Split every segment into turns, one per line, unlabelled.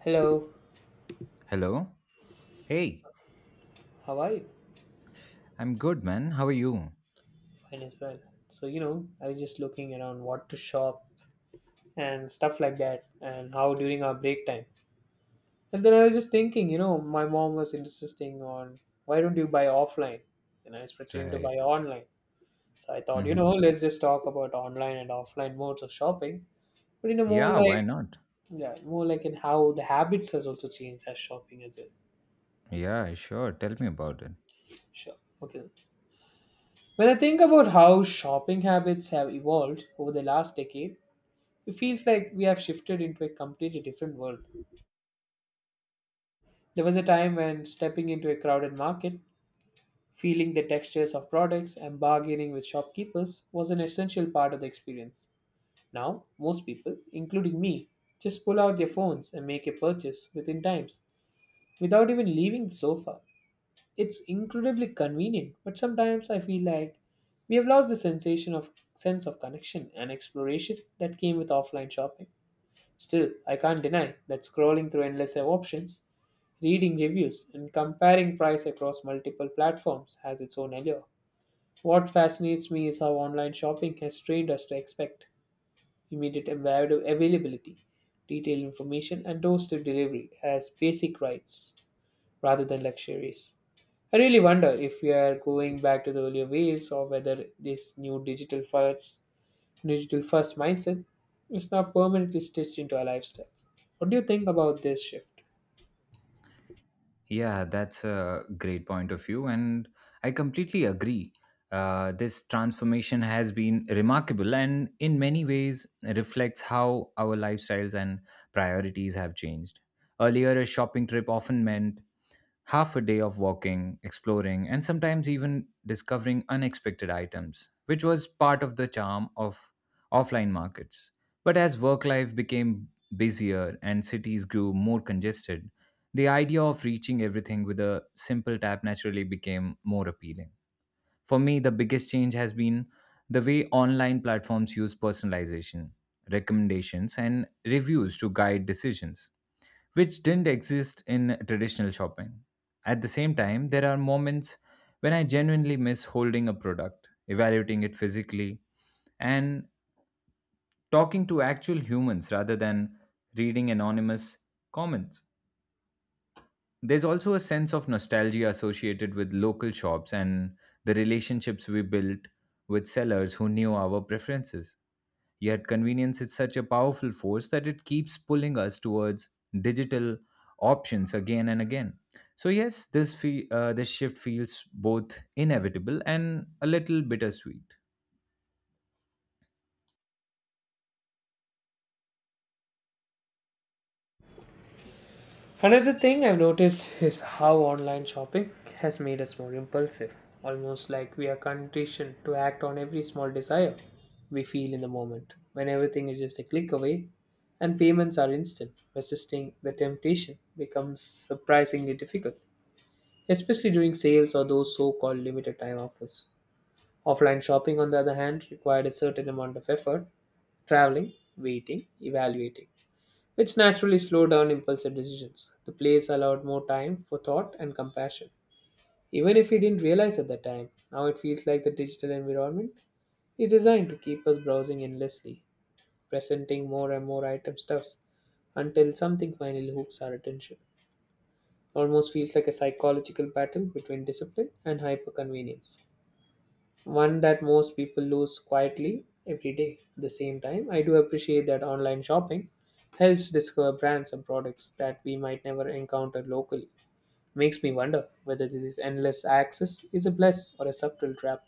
Hello,
Hello. Hey,
how are you?
I'm good, man. How are you?
Fine as well. So, I was just looking around what to shop and stuff like that, and how during our break time. And then I was just thinking, my mom was insisting on why don't you buy offline? And I was pretending to buy
Right.
online. So I thought,
Mm-hmm.
let's just talk about online and offline modes of shopping, but in a more
Yeah, why
like,
not?
yeah, more like in how the habits has also changed as shopping as well.
Yeah, sure. Tell me about it.
Sure. Okay. When I think about how shopping habits have evolved over the last decade, it feels like we have shifted into a completely different world. There was a time when stepping into a crowded market, feeling the textures of products, and bargaining with shopkeepers was an essential part of the experience. Now, most people, including me, just pull out their phones and make a purchase within times without even leaving the sofa. It's incredibly convenient, but sometimes I feel like we have lost the sensation of sense of connection and exploration that came with offline shopping. Still, I can't deny that scrolling through endless options, reading reviews, and comparing price across multiple platforms has its own allure. What fascinates me is how online shopping has trained us to expect immediate availability, detailed information, and doorstep delivery as basic rights rather than luxuries. I really wonder if we are going back to the earlier ways or whether this new digital first mindset is now permanently stitched into our lifestyles. What do you think about this shift?
Yeah, that's a great point of view, and I completely agree. This transformation has been remarkable and, in many ways, reflects how our lifestyles and priorities have changed. Earlier, a shopping trip often meant half a day of walking, exploring, and sometimes even discovering unexpected items, which was part of the charm of offline markets. But as work life became busier and cities grew more congested, the idea of reaching everything with a simple tap naturally became more appealing. For me, the biggest change has been the way online platforms use personalization, recommendations, and reviews to guide decisions, which didn't exist in traditional shopping. At the same time, there are moments when I genuinely miss holding a product, evaluating it physically, and talking to actual humans rather than reading anonymous comments. There's also a sense of nostalgia associated with local shops and the relationships we built with sellers who knew our preferences. Yet, convenience is such a powerful force that it keeps pulling us towards digital options again and again. So, yes, this shift feels both inevitable and a little bittersweet.
Another thing I've noticed is how online shopping has made us more impulsive, almost like we are conditioned to act on every small desire we feel in the moment, when everything is just a click away and payments are instant. Resisting the temptation becomes surprisingly difficult, especially during sales or those so called limited time offers. Offline shopping, on the other hand, required a certain amount of effort traveling, waiting, evaluating, which naturally slowed down impulsive decisions. The place allowed more time for thought and compassion. Even if we didn't realize at the time, now it feels like the digital environment is designed to keep us browsing endlessly, presenting more and more item stuffs until something finally hooks our attention. Almost feels like a psychological battle between discipline and hyperconvenience, one that most people lose quietly every day. At the same time, I do appreciate that online shopping helps discover brands and products that we might never encounter locally. Makes me wonder whether this endless access is a bless or a subtle trap.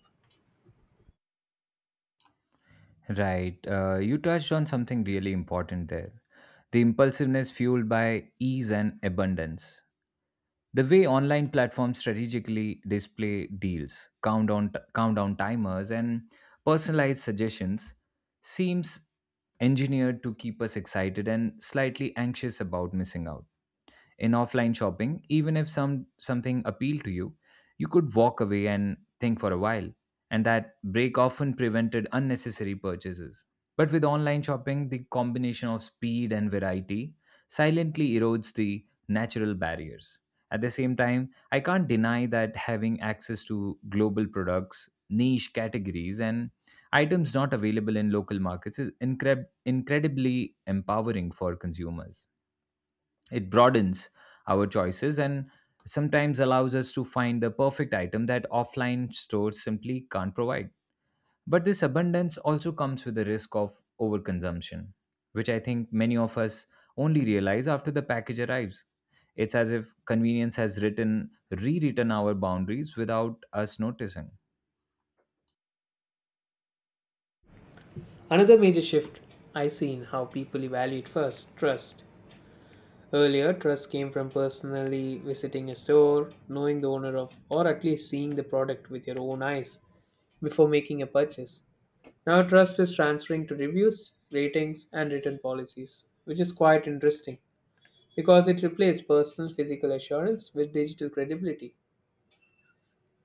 Right. You touched on something really important there, the impulsiveness fueled by ease and abundance. The way online platforms strategically display deals, countdown timers, and personalized suggestions seems engineered to keep us excited and slightly anxious about missing out in offline shopping. Even if something appealed to you, you could walk away and think for a while, and that break often prevented unnecessary purchases. But with online shopping, the combination of speed and variety silently erodes the natural barriers. At the same time, I can't deny that having access to global products, niche categories, and items not available in local markets is incredibly empowering for consumers. It broadens our choices and sometimes allows us to find the perfect item that offline stores simply can't provide. But this abundance also comes with the risk of overconsumption, which I think many of us only realize after the package arrives. It's as if convenience has written, rewritten our boundaries without us noticing.
Another major shift I see in how people evaluate first trust. Earlier, trust came from personally visiting a store, knowing the owner of, or at least seeing the product with your own eyes before making a purchase. Now, trust is transferring to reviews, ratings, and written policies, which is quite interesting because it replaced personal physical assurance with digital credibility.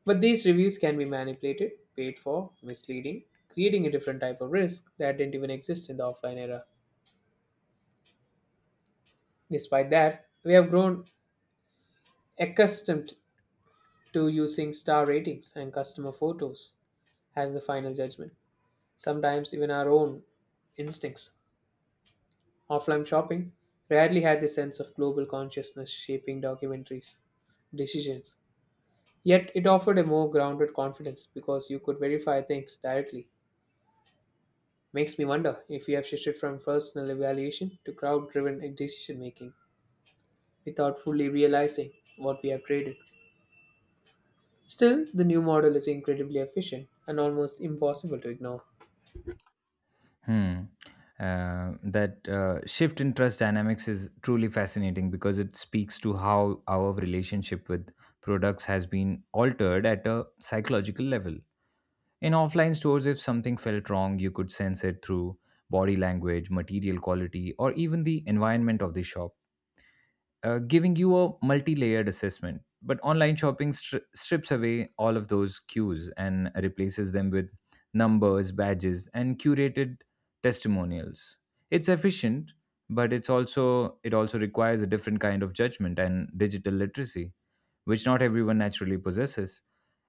But these reviews can be manipulated, paid for, misleading, creating a different type of risk that didn't even exist in the offline era. Despite that, we have grown accustomed to using star ratings and customer photos as the final judgment, sometimes even our own instincts. Offline shopping rarely had the sense of global consciousness shaping documentaries' decisions. Yet it offered a more grounded confidence because you could verify things directly. Makes me wonder if we have shifted from personal evaluation to crowd driven decision making without fully realizing what we have traded. Still, the new model is incredibly efficient and almost impossible to ignore.
Hmm. That shift in trust dynamics is truly fascinating because it speaks to how our relationship with products has been altered at a psychological level. In offline stores, if something felt wrong, you could sense it through body language, material quality, or even the environment of the shop, giving you a multi-layered assessment. But online shopping strips away all of those cues and replaces them with numbers, badges, and curated testimonials. It's efficient, but it also requires a different kind of judgment and digital literacy, which not everyone naturally possesses.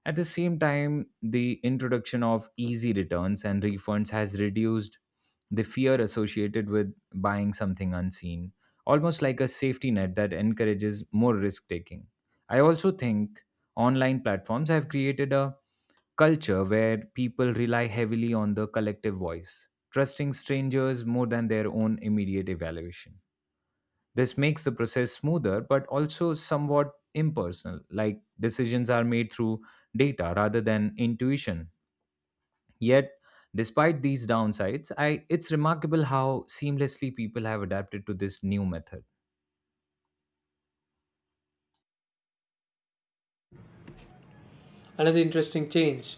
At the same time, the introduction of easy returns and refunds has reduced the fear associated with buying something unseen, almost like a safety net that encourages more risk taking. I also think online platforms have created a culture where people rely heavily on the collective voice, trusting strangers more than their own immediate evaluation. This makes the process smoother but also somewhat impersonal, like decisions are made through data rather than intuition. Yet, despite these downsides, it's remarkable how seamlessly people have adapted to this new method.
Another interesting change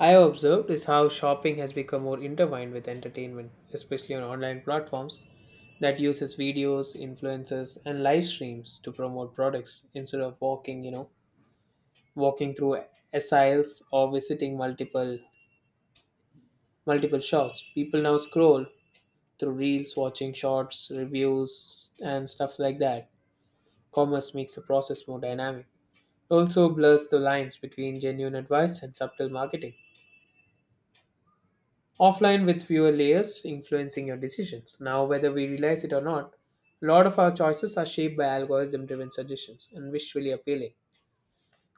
I have observed is how shopping has become more intertwined with entertainment, especially on online platforms that uses videos, influencers, and live streams to promote products instead of walking, walking through aisles or visiting multiple shops. People now scroll through reels, watching shorts, reviews, and stuff like that. Commerce makes the process more dynamic. It also blurs the lines between genuine advice and subtle marketing offline with fewer layers influencing your decisions. Now, whether we realize it or not, a lot of our choices are shaped by algorithm driven suggestions and visually appealing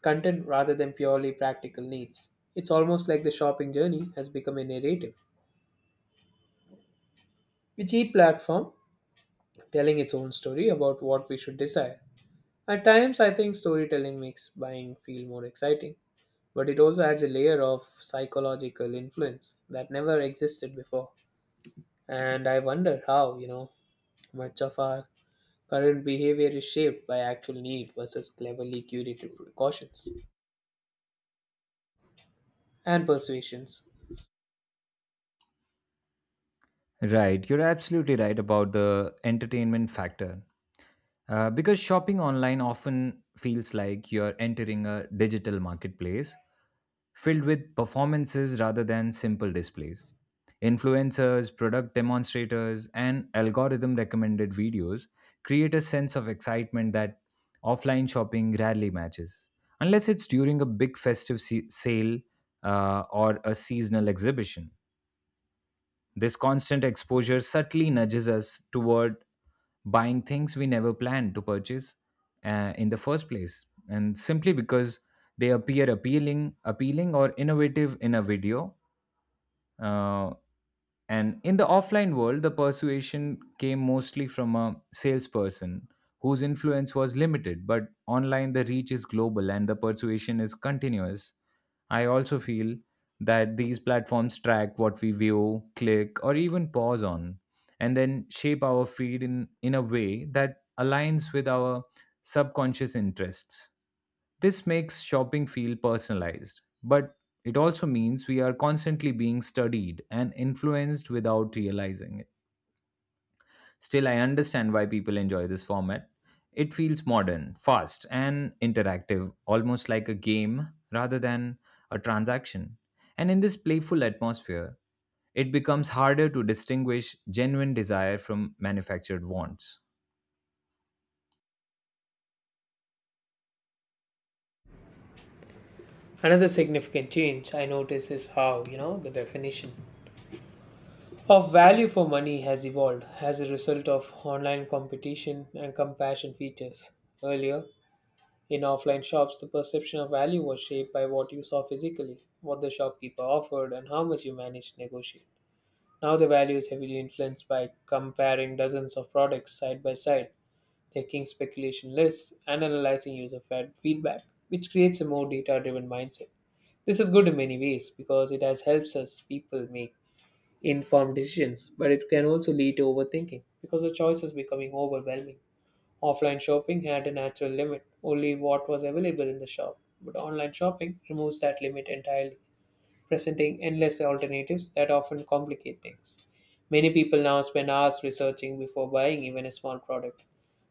content rather than purely practical needs. It's almost like the shopping journey has become a narrative, with each platform telling its own story about what we should desire. At times, I think storytelling makes buying feel more exciting, but it also adds a layer of psychological influence that never existed before. And I wonder how, much of our current behavior is shaped by actual need versus cleverly curated precautions and persuasions.
Right, you're absolutely right about the entertainment factor. Because shopping online often feels like you're entering a digital marketplace filled with performances rather than simple displays. Influencers, product demonstrators, and algorithm recommended videos create a sense of excitement that offline shopping rarely matches, unless it's during a big festive sale, or a seasonal exhibition. This constant exposure subtly nudges us toward buying things we never planned to purchase, in the first place, and simply because they appear appealing or innovative in a video, uh, and in the offline world, the persuasion came mostly from a salesperson whose influence was limited, but online, the reach is global and the persuasion is continuous. I also feel that these platforms track what we view, click, or even pause on, and then shape our feed in a way that aligns with our subconscious interests. This makes shopping feel personalized, but it also means we are constantly being studied and influenced without realizing it. Still, I understand why people enjoy this format. It feels modern, fast, and interactive, almost like a game rather than a transaction. And in this playful atmosphere, it becomes harder to distinguish genuine desire from manufactured wants.
Another significant change I notice is how, the definition of value for money has evolved as a result of online competition and compassion features. Earlier, in offline shops, the perception of value was shaped by what you saw physically, what the shopkeeper offered, and how much you managed to negotiate. Now the value is heavily influenced by comparing dozens of products side by side checking speculation lists, and analyzing feedback, which creates a more data driven mindset. This is good in many ways because it has helps us people make informed decisions, but it can also lead to overthinking because the choice is becoming overwhelming. Offline shopping had a natural limit, only what was available in the shop, but online shopping removes that limit entirely presenting endless alternatives that often complicate things. Many people now spend hours researching before buying even a small product,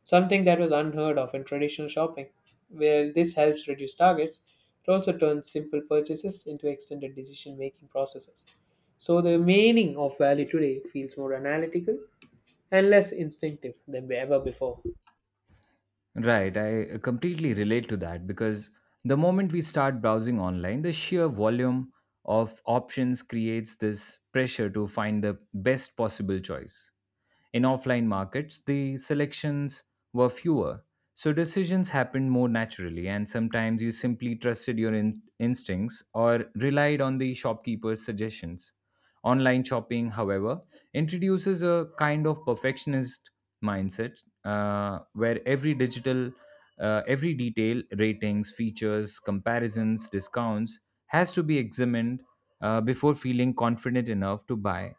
something that was unheard of in traditional shopping. While this helps reduce targets, it also turns simple purchases into extended decision making processes. So the meaning of value today feels more analytical and less instinctive than ever before.
Right, I completely relate to that because the moment we start browsing online, the sheer volume of options creates this pressure to find the best possible choice. In offline markets, the selections were fewer, so decisions happened more naturally, and sometimes you simply trusted your instincts or relied on the shopkeeper's suggestions. Online shopping, however, introduces a kind of perfectionist mindset, where every detail, ratings, features, comparisons, discounts, has to be examined before feeling confident enough to buy.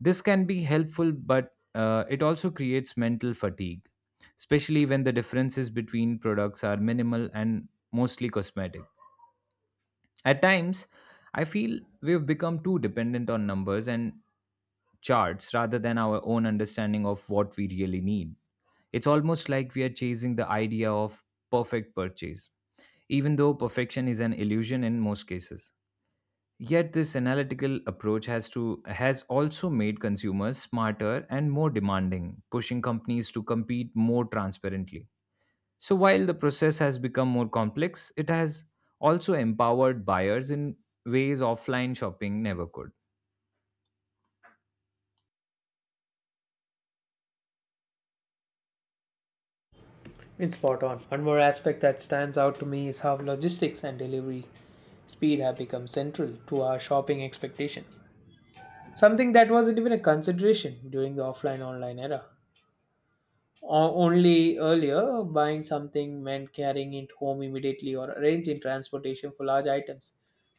This can be helpful, but it also creates mental fatigue, especially when the differences between products are minimal and mostly cosmetic. At times, I feel we've become too dependent on numbers and charts rather than our own understanding of what we really need. It's almost like we are chasing the idea of perfect purchase, even though perfection is an illusion in most cases. Yet this analytical approach has also made consumers smarter and more demanding, pushing companies to compete more transparently. So, while the process has become more complex, it has also empowered buyers in ways offline shopping never could.
It's spot on. One more aspect that stands out to me is how logistics and delivery speed have become central to our shopping expectations. Something that wasn't even a consideration during the offline online era. Only earlier, buying something meant carrying it home immediately or arranging transportation for large items,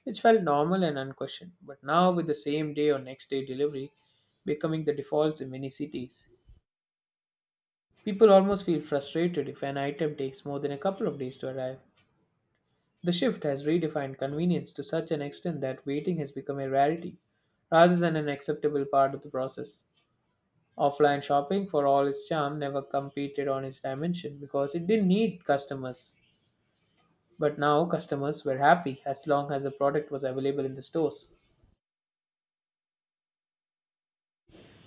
which felt normal and unquestioned. But now, with the same day or next day delivery becoming the default in many cities, people almost feel frustrated if an item takes more than a couple of days to arrive. The shift has redefined convenience to such an extent that waiting has become a rarity rather than an acceptable part of the process. Offline shopping, for all its charm, never competed on its dimension because it didn't need customers. But now customers were happy as long as the product was available in the stores.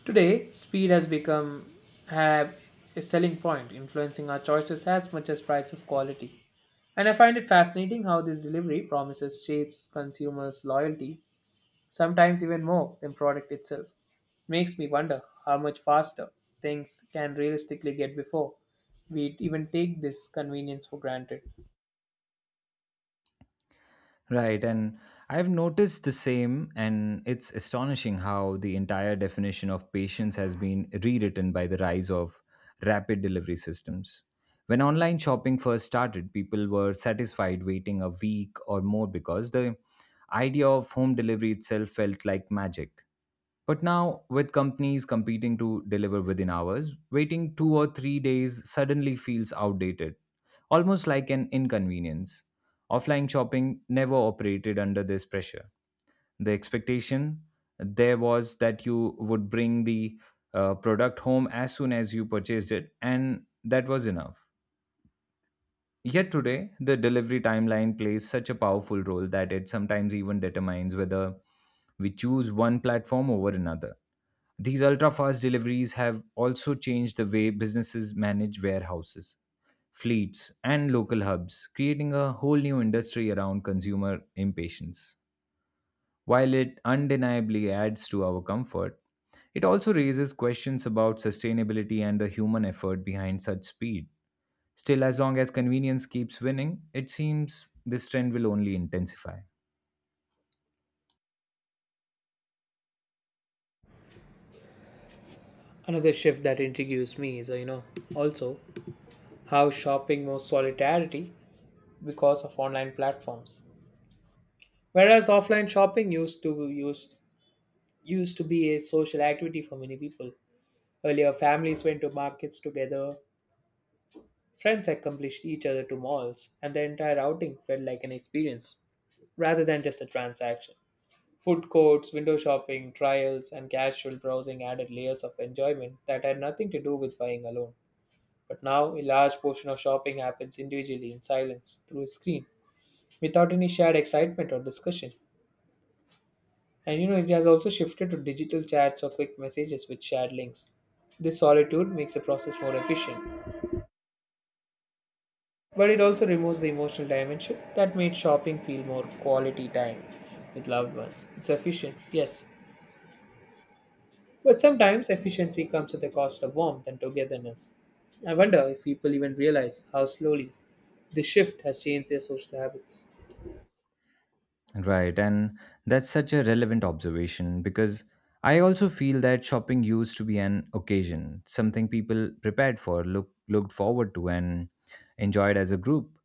Today, speed has become have a selling point, influencing our choices as much as price of quality. And I find it fascinating how this delivery promises shapes consumers' loyalty sometimes even more than product itself. It makes me wonder how much faster things can realistically get before we even take this convenience for granted.
Right, and I've noticed the same, and it's astonishing how the entire definition of patience has been rewritten by the rise of rapid delivery systems. When online shopping first started, people were satisfied waiting a week or more because the idea of home delivery itself felt like magic. But now, with companies competing to deliver within hours, waiting 2 or 3 days suddenly feels outdated, almost like an inconvenience. Offline shopping never operated under this pressure. The expectation there was that you would bring the product home as soon as you purchased it, and that was enough. Yet today, the delivery timeline plays such a powerful role that it sometimes even determines whether we choose one platform over another. These ultra fast deliveries have also changed the way businesses manage warehouses, fleets, and local hubs, creating a whole new industry around consumer impatience. While it undeniably adds to our comfort, it also raises questions about sustainability and the human effort behind such speed. Still, as long as convenience keeps winning, it seems this trend will only intensify.
Another shift that intrigues me is, also how shopping more solidarity because of online platforms. Whereas offline shopping used used to be a social activity for many people. Earlier, families went to markets together, friends accomplished each other to malls, and the entire outing felt like an experience rather than just a transaction. Food courts, window shopping, trials, and casual browsing added layers of enjoyment that had nothing to do with buying alone. But now, a large portion of shopping happens individually in silence through a screen without any shared excitement or discussion. And it has also shifted to digital chats or quick messages with shared links. This solitude makes the process more efficient but it also removes the emotional dimension that made shopping feel more quality time with loved ones. It's efficient, yes, but sometimes efficiency comes at the cost of warmth and togetherness. I wonder if people even realize how slowly this shift has changed their social habits.
Right, and that's such a relevant observation because I also feel that shopping used to be an occasion, something people prepared for, looked forward to, and enjoyed as a group.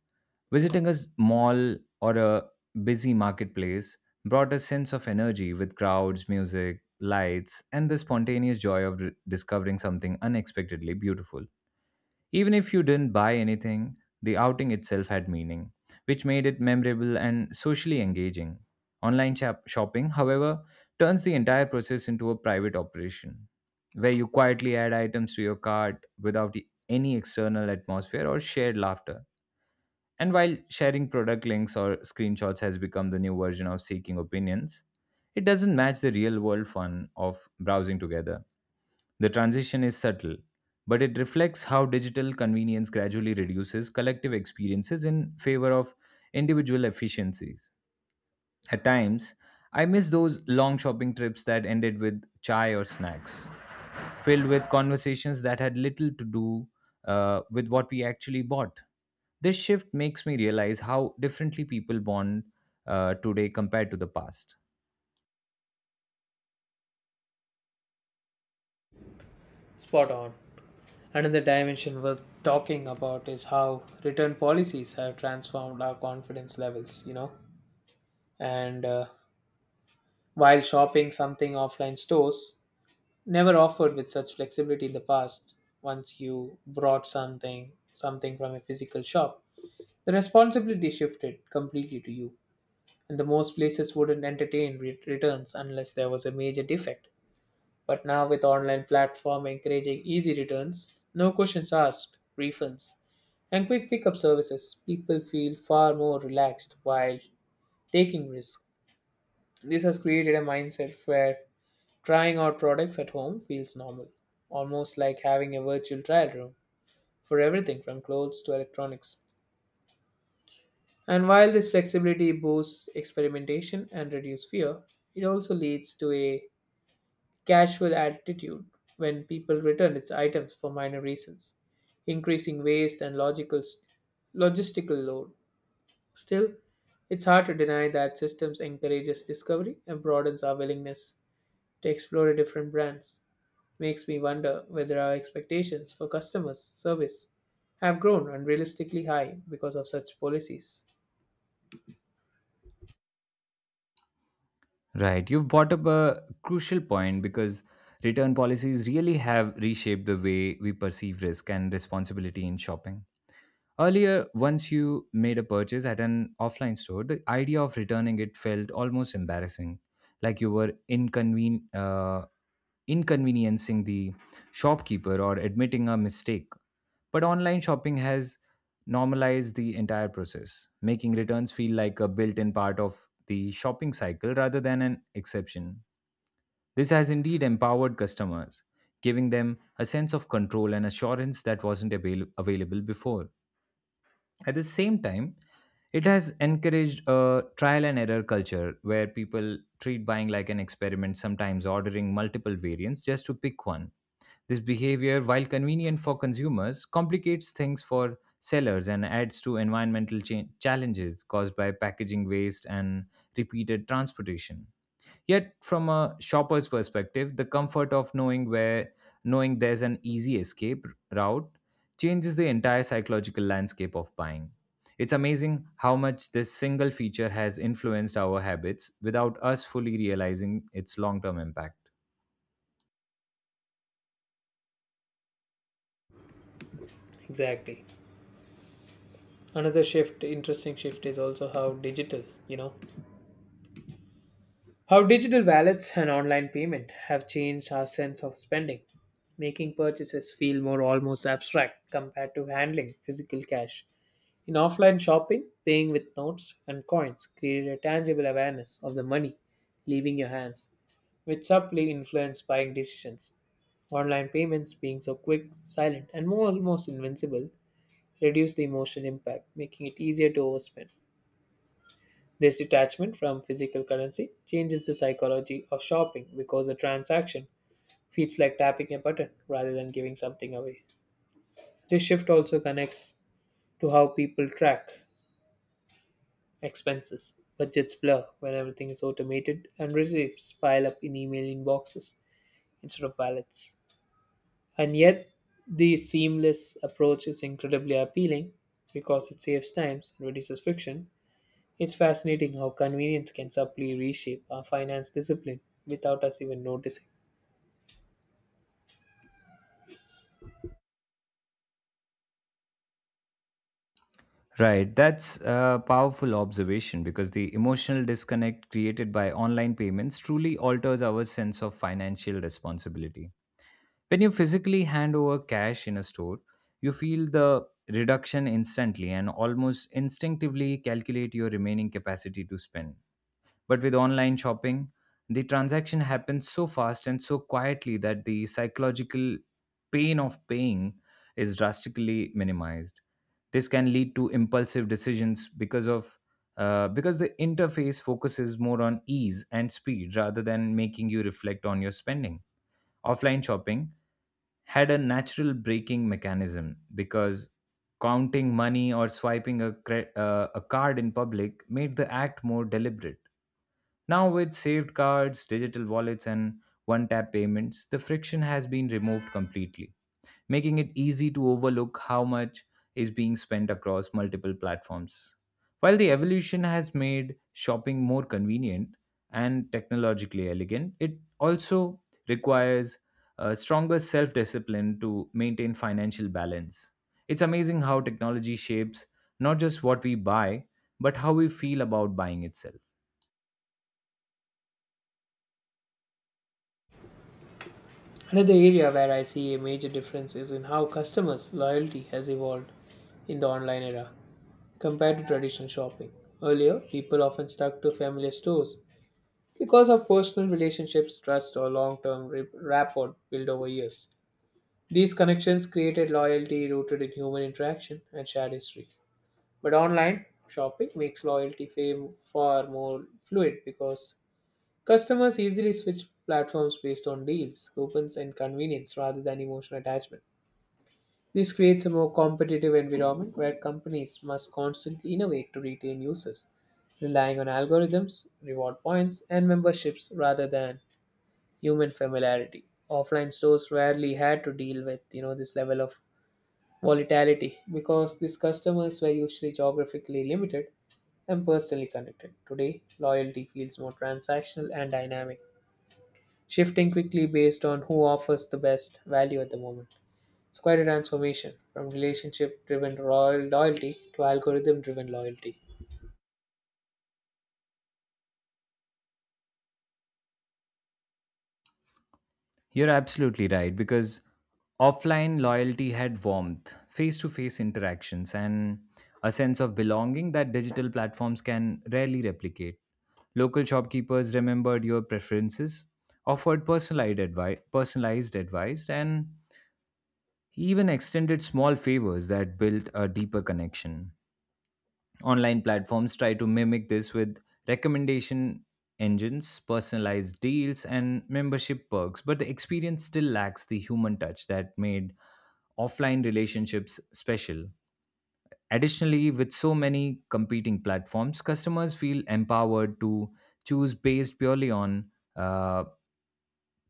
Visiting a mall or a busy marketplace brought a sense of energy with crowds, music, lights, and the spontaneous joy of discovering something unexpectedly beautiful. Even if you didn't buy anything, the outing itself had meaning, which made it memorable and socially engaging. Online shopping, however, turns the entire process into a private operation, where you quietly add items to your cart without any external atmosphere or shared laughter. And while sharing product links or screenshots has become the new version of seeking opinions, it doesn't match the real world fun of browsing together. The transition is subtle, but it reflects how digital convenience gradually reduces collective experiences in favor of individual efficiencies. At times, I miss those long shopping trips that ended with chai or snacks filled with conversations that had little to do with what we actually bought. This shift makes me realize how differently people bond today compared to the past.
Spot on. Another dimension worth talking about is how return policies have transformed our confidence levels. And while shopping something offline stores never offered with such flexibility in the past. Once you brought something, something from a physical shop, the responsibility shifted completely to you, and the most places wouldn't entertain returns unless there was a major defect. But now with online platform encouraging easy returns, no questions asked, refunds, and quick pickup services, people feel far more relaxed while taking risks. This has created a mindset where trying out products at home feels normal, almost like having a virtual trial room for everything from clothes to electronics. And while this flexibility boosts experimentation and reduces fear, it also leads to a casual attitude when people return its items for minor reasons, increasing waste and logical logistical load. Still, it's hard to deny that systems encourages discovery and broadens our willingness to explore different brands. Makes me wonder whether our expectations for customer service have grown unrealistically high because of such policies.
Right, you've brought up a crucial point because return policies really have reshaped the way we perceive risk and responsibility in shopping. Earlier, once you made a purchase at an offline store, the idea of returning it felt almost embarrassing, like you were inconveniencing the shopkeeper or admitting a mistake. But online shopping has normalized the entire process, making returns feel like a built in part of the shopping cycle rather than an exception. This has indeed empowered customers, giving them a sense of control and assurance that wasn't available before. At the same time, it has encouraged a trial and error culture where people treat buying like an experiment, sometimes ordering multiple variants just to pick one. This behavior, while convenient for consumers, complicates things for sellers and adds to environmental challenges caused by packaging waste and repeated transportation. Yet, from a shopper's perspective, the comfort of knowing there's an easy escape route changes the entire psychological landscape of buying. It's amazing how much this single feature has influenced our habits without us fully realizing its long-term impact.
Exactly. Another shift interesting shift is also how digital, how digital wallets and online payment have changed our sense of spending, making purchases feel more almost abstract compared to handling physical cash. In offline shopping, paying with notes and coins created a tangible awareness of the money leaving your hands, which subtly influenced buying decisions. Online payments, being so quick, silent, and almost invincible, reduce the emotional impact, making it easier to overspend. This detachment from physical currency changes the psychology of shopping because the transaction feels like tapping a button rather than giving something away. This shift also connects to how people track expenses. Budgets blur when everything is automated, and receipts pile up in email inboxes instead of wallets. And yet, the seamless approach is incredibly appealing because it saves time and reduces friction. It's fascinating how convenience can subtly reshape our finance discipline without us even noticing.
Right, that's a powerful observation because the emotional disconnect created by online payments truly alters our sense of financial responsibility. When you physically hand over cash in a store, you feel the reduction instantly and almost instinctively calculate your remaining capacity to spend. But with online shopping, the transaction happens so fast and so quietly that the psychological pain of paying is drastically minimized. This can lead to impulsive decisions because the interface focuses more on ease and speed rather than making you reflect on your spending. Offline shopping had a natural braking mechanism because counting money or swiping a card in public made the act more deliberate. Now, with saved cards, digital wallets, and one tap payments, the friction has been removed completely, making it easy to overlook how much is being spent across multiple platforms. While the evolution has made shopping more convenient and technologically elegant, it also requires a stronger self discipline to maintain financial balance. It's amazing how technology shapes not just what we buy, but how we feel about buying itself.
Another area where I see a major difference is in how customers' loyalty has evolved in the online era compared to traditional shopping. Earlier, people often stuck to familiar stores because of personal relationships, trust, or long term rapport built over years. These connections created loyalty rooted in human interaction and shared history. But online shopping makes loyalty fame far more fluid because customers easily switch platforms based on deals, coupons, and convenience rather than emotional attachment. This creates a more competitive environment where companies must constantly innovate to retain users, relying on algorithms, reward points, and memberships rather than human familiarity. Offline stores rarely had to deal with, this level of volatility because these customers were usually geographically limited and personally connected. Today, loyalty feels more transactional and dynamic, shifting quickly based on who offers the best value at the moment. It's quite a transformation from relationship driven royal loyalty to algorithm driven loyalty.
You're absolutely right because offline loyalty had warmth, face to face interactions, and a sense of belonging that digital platforms can rarely replicate. Local shopkeepers remembered your preferences, offered personalized advice and even extended small favors that built a deeper connection. Online platforms try to mimic this with recommendation engines, personalized deals, and membership perks, but the experience still lacks the human touch that made offline relationships special. Additionally, with so many competing platforms, customers feel empowered to choose based purely on uh,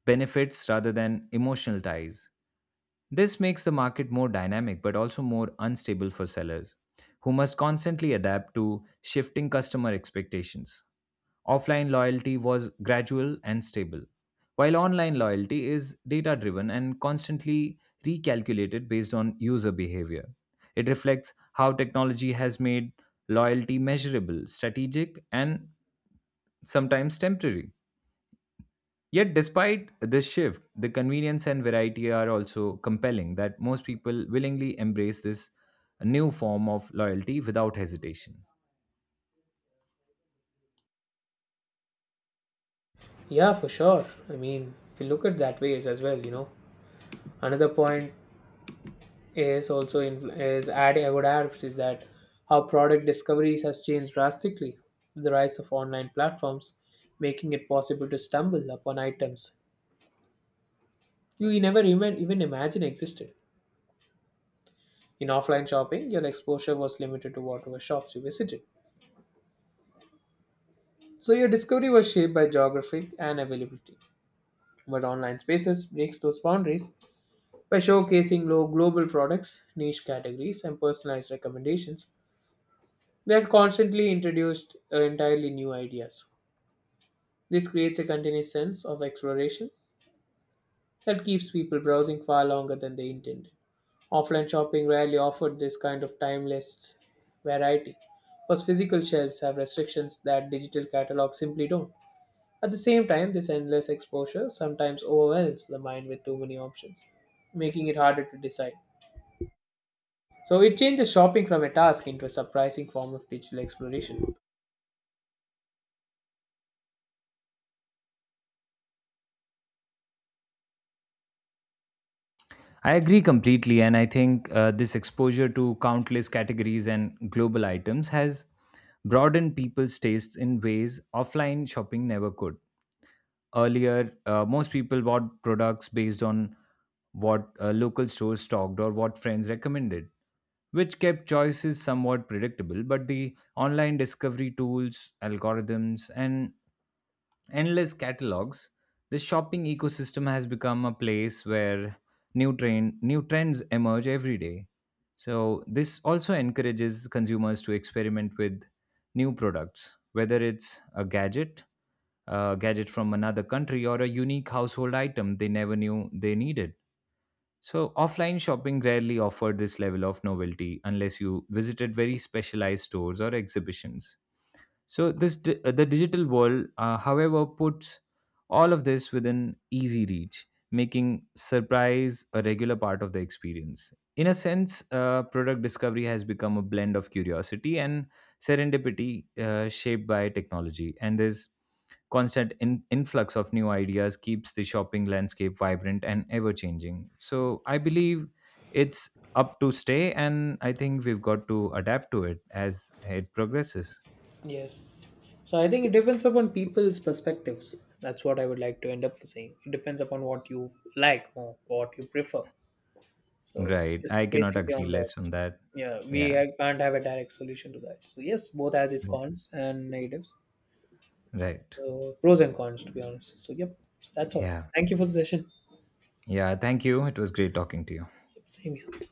benefits rather than emotional ties. This makes the market more dynamic but also more unstable for sellers, who must constantly adapt to shifting customer expectations. Offline loyalty was gradual and stable, while online loyalty is data driven and constantly recalculated based on user behavior. It reflects how technology has made loyalty measurable, strategic, and sometimes temporary. Yet, despite this shift, the convenience and variety are also compelling that most people willingly embrace this new form of loyalty without hesitation.
Yeah, for sure. I mean, if you look at that ways as well, you know. Another point is also influ is adding I would add is that how product discoveries has changed drastically. The rise of online platforms making it possible to stumble upon items you never even imagine existed. In offline shopping, your exposure was limited to whatever shops you visited, so your discovery was shaped by geography and availability. But online spaces breaks those boundaries by showcasing low global products, niche categories, and personalized recommendations that constantly introduced entirely new ideas. This creates a continuous sense of exploration that keeps people browsing far longer than they intended. Offline shopping rarely offered this kind of timeless variety, because physical shelves have restrictions that digital catalogs simply don't. At the same time, this endless exposure sometimes overwhelms the mind with too many options, making it harder to decide. So it changes shopping from a task into a surprising form of digital exploration.
I agree completely, and I think this exposure to countless categories and global items has broadened people's tastes in ways offline shopping never could. Earlier, most people bought products based on what local stores stocked or what friends recommended, which kept choices somewhat predictable. But the online discovery tools, algorithms, and endless catalogs, the shopping ecosystem has become a place where new trends emerge every day. So this also encourages consumers to experiment with new products, whether it's a gadget from another country or a unique household item they never knew they needed. So offline shopping rarely offered this level of novelty unless you visited very specialized stores or exhibitions. So the digital world, however, puts all of this within easy reach, making surprise a regular part of the experience. In a sense, product discovery has become a blend of curiosity and serendipity, shaped by technology. And this constant influx of new ideas keeps the shopping landscape vibrant and ever changing. So I believe it's up to stay, and I think we've got to adapt to it as it progresses.
Yes. So I think it depends upon people's perspectives. That's what I would like to end up saying. It depends upon what you like more, what you prefer. So
Right. I
just
cannot
basically
agree
on that.
less on that.
Yeah, we
Yeah.
can't have a direct solution to that. So yes, both has its cons and negatives.
Right.
So pros and cons, to be honest. So yep, so, that's all.
Yeah.
Thank you for the session.
Yeah, thank you. It was great talking to you.
Same here.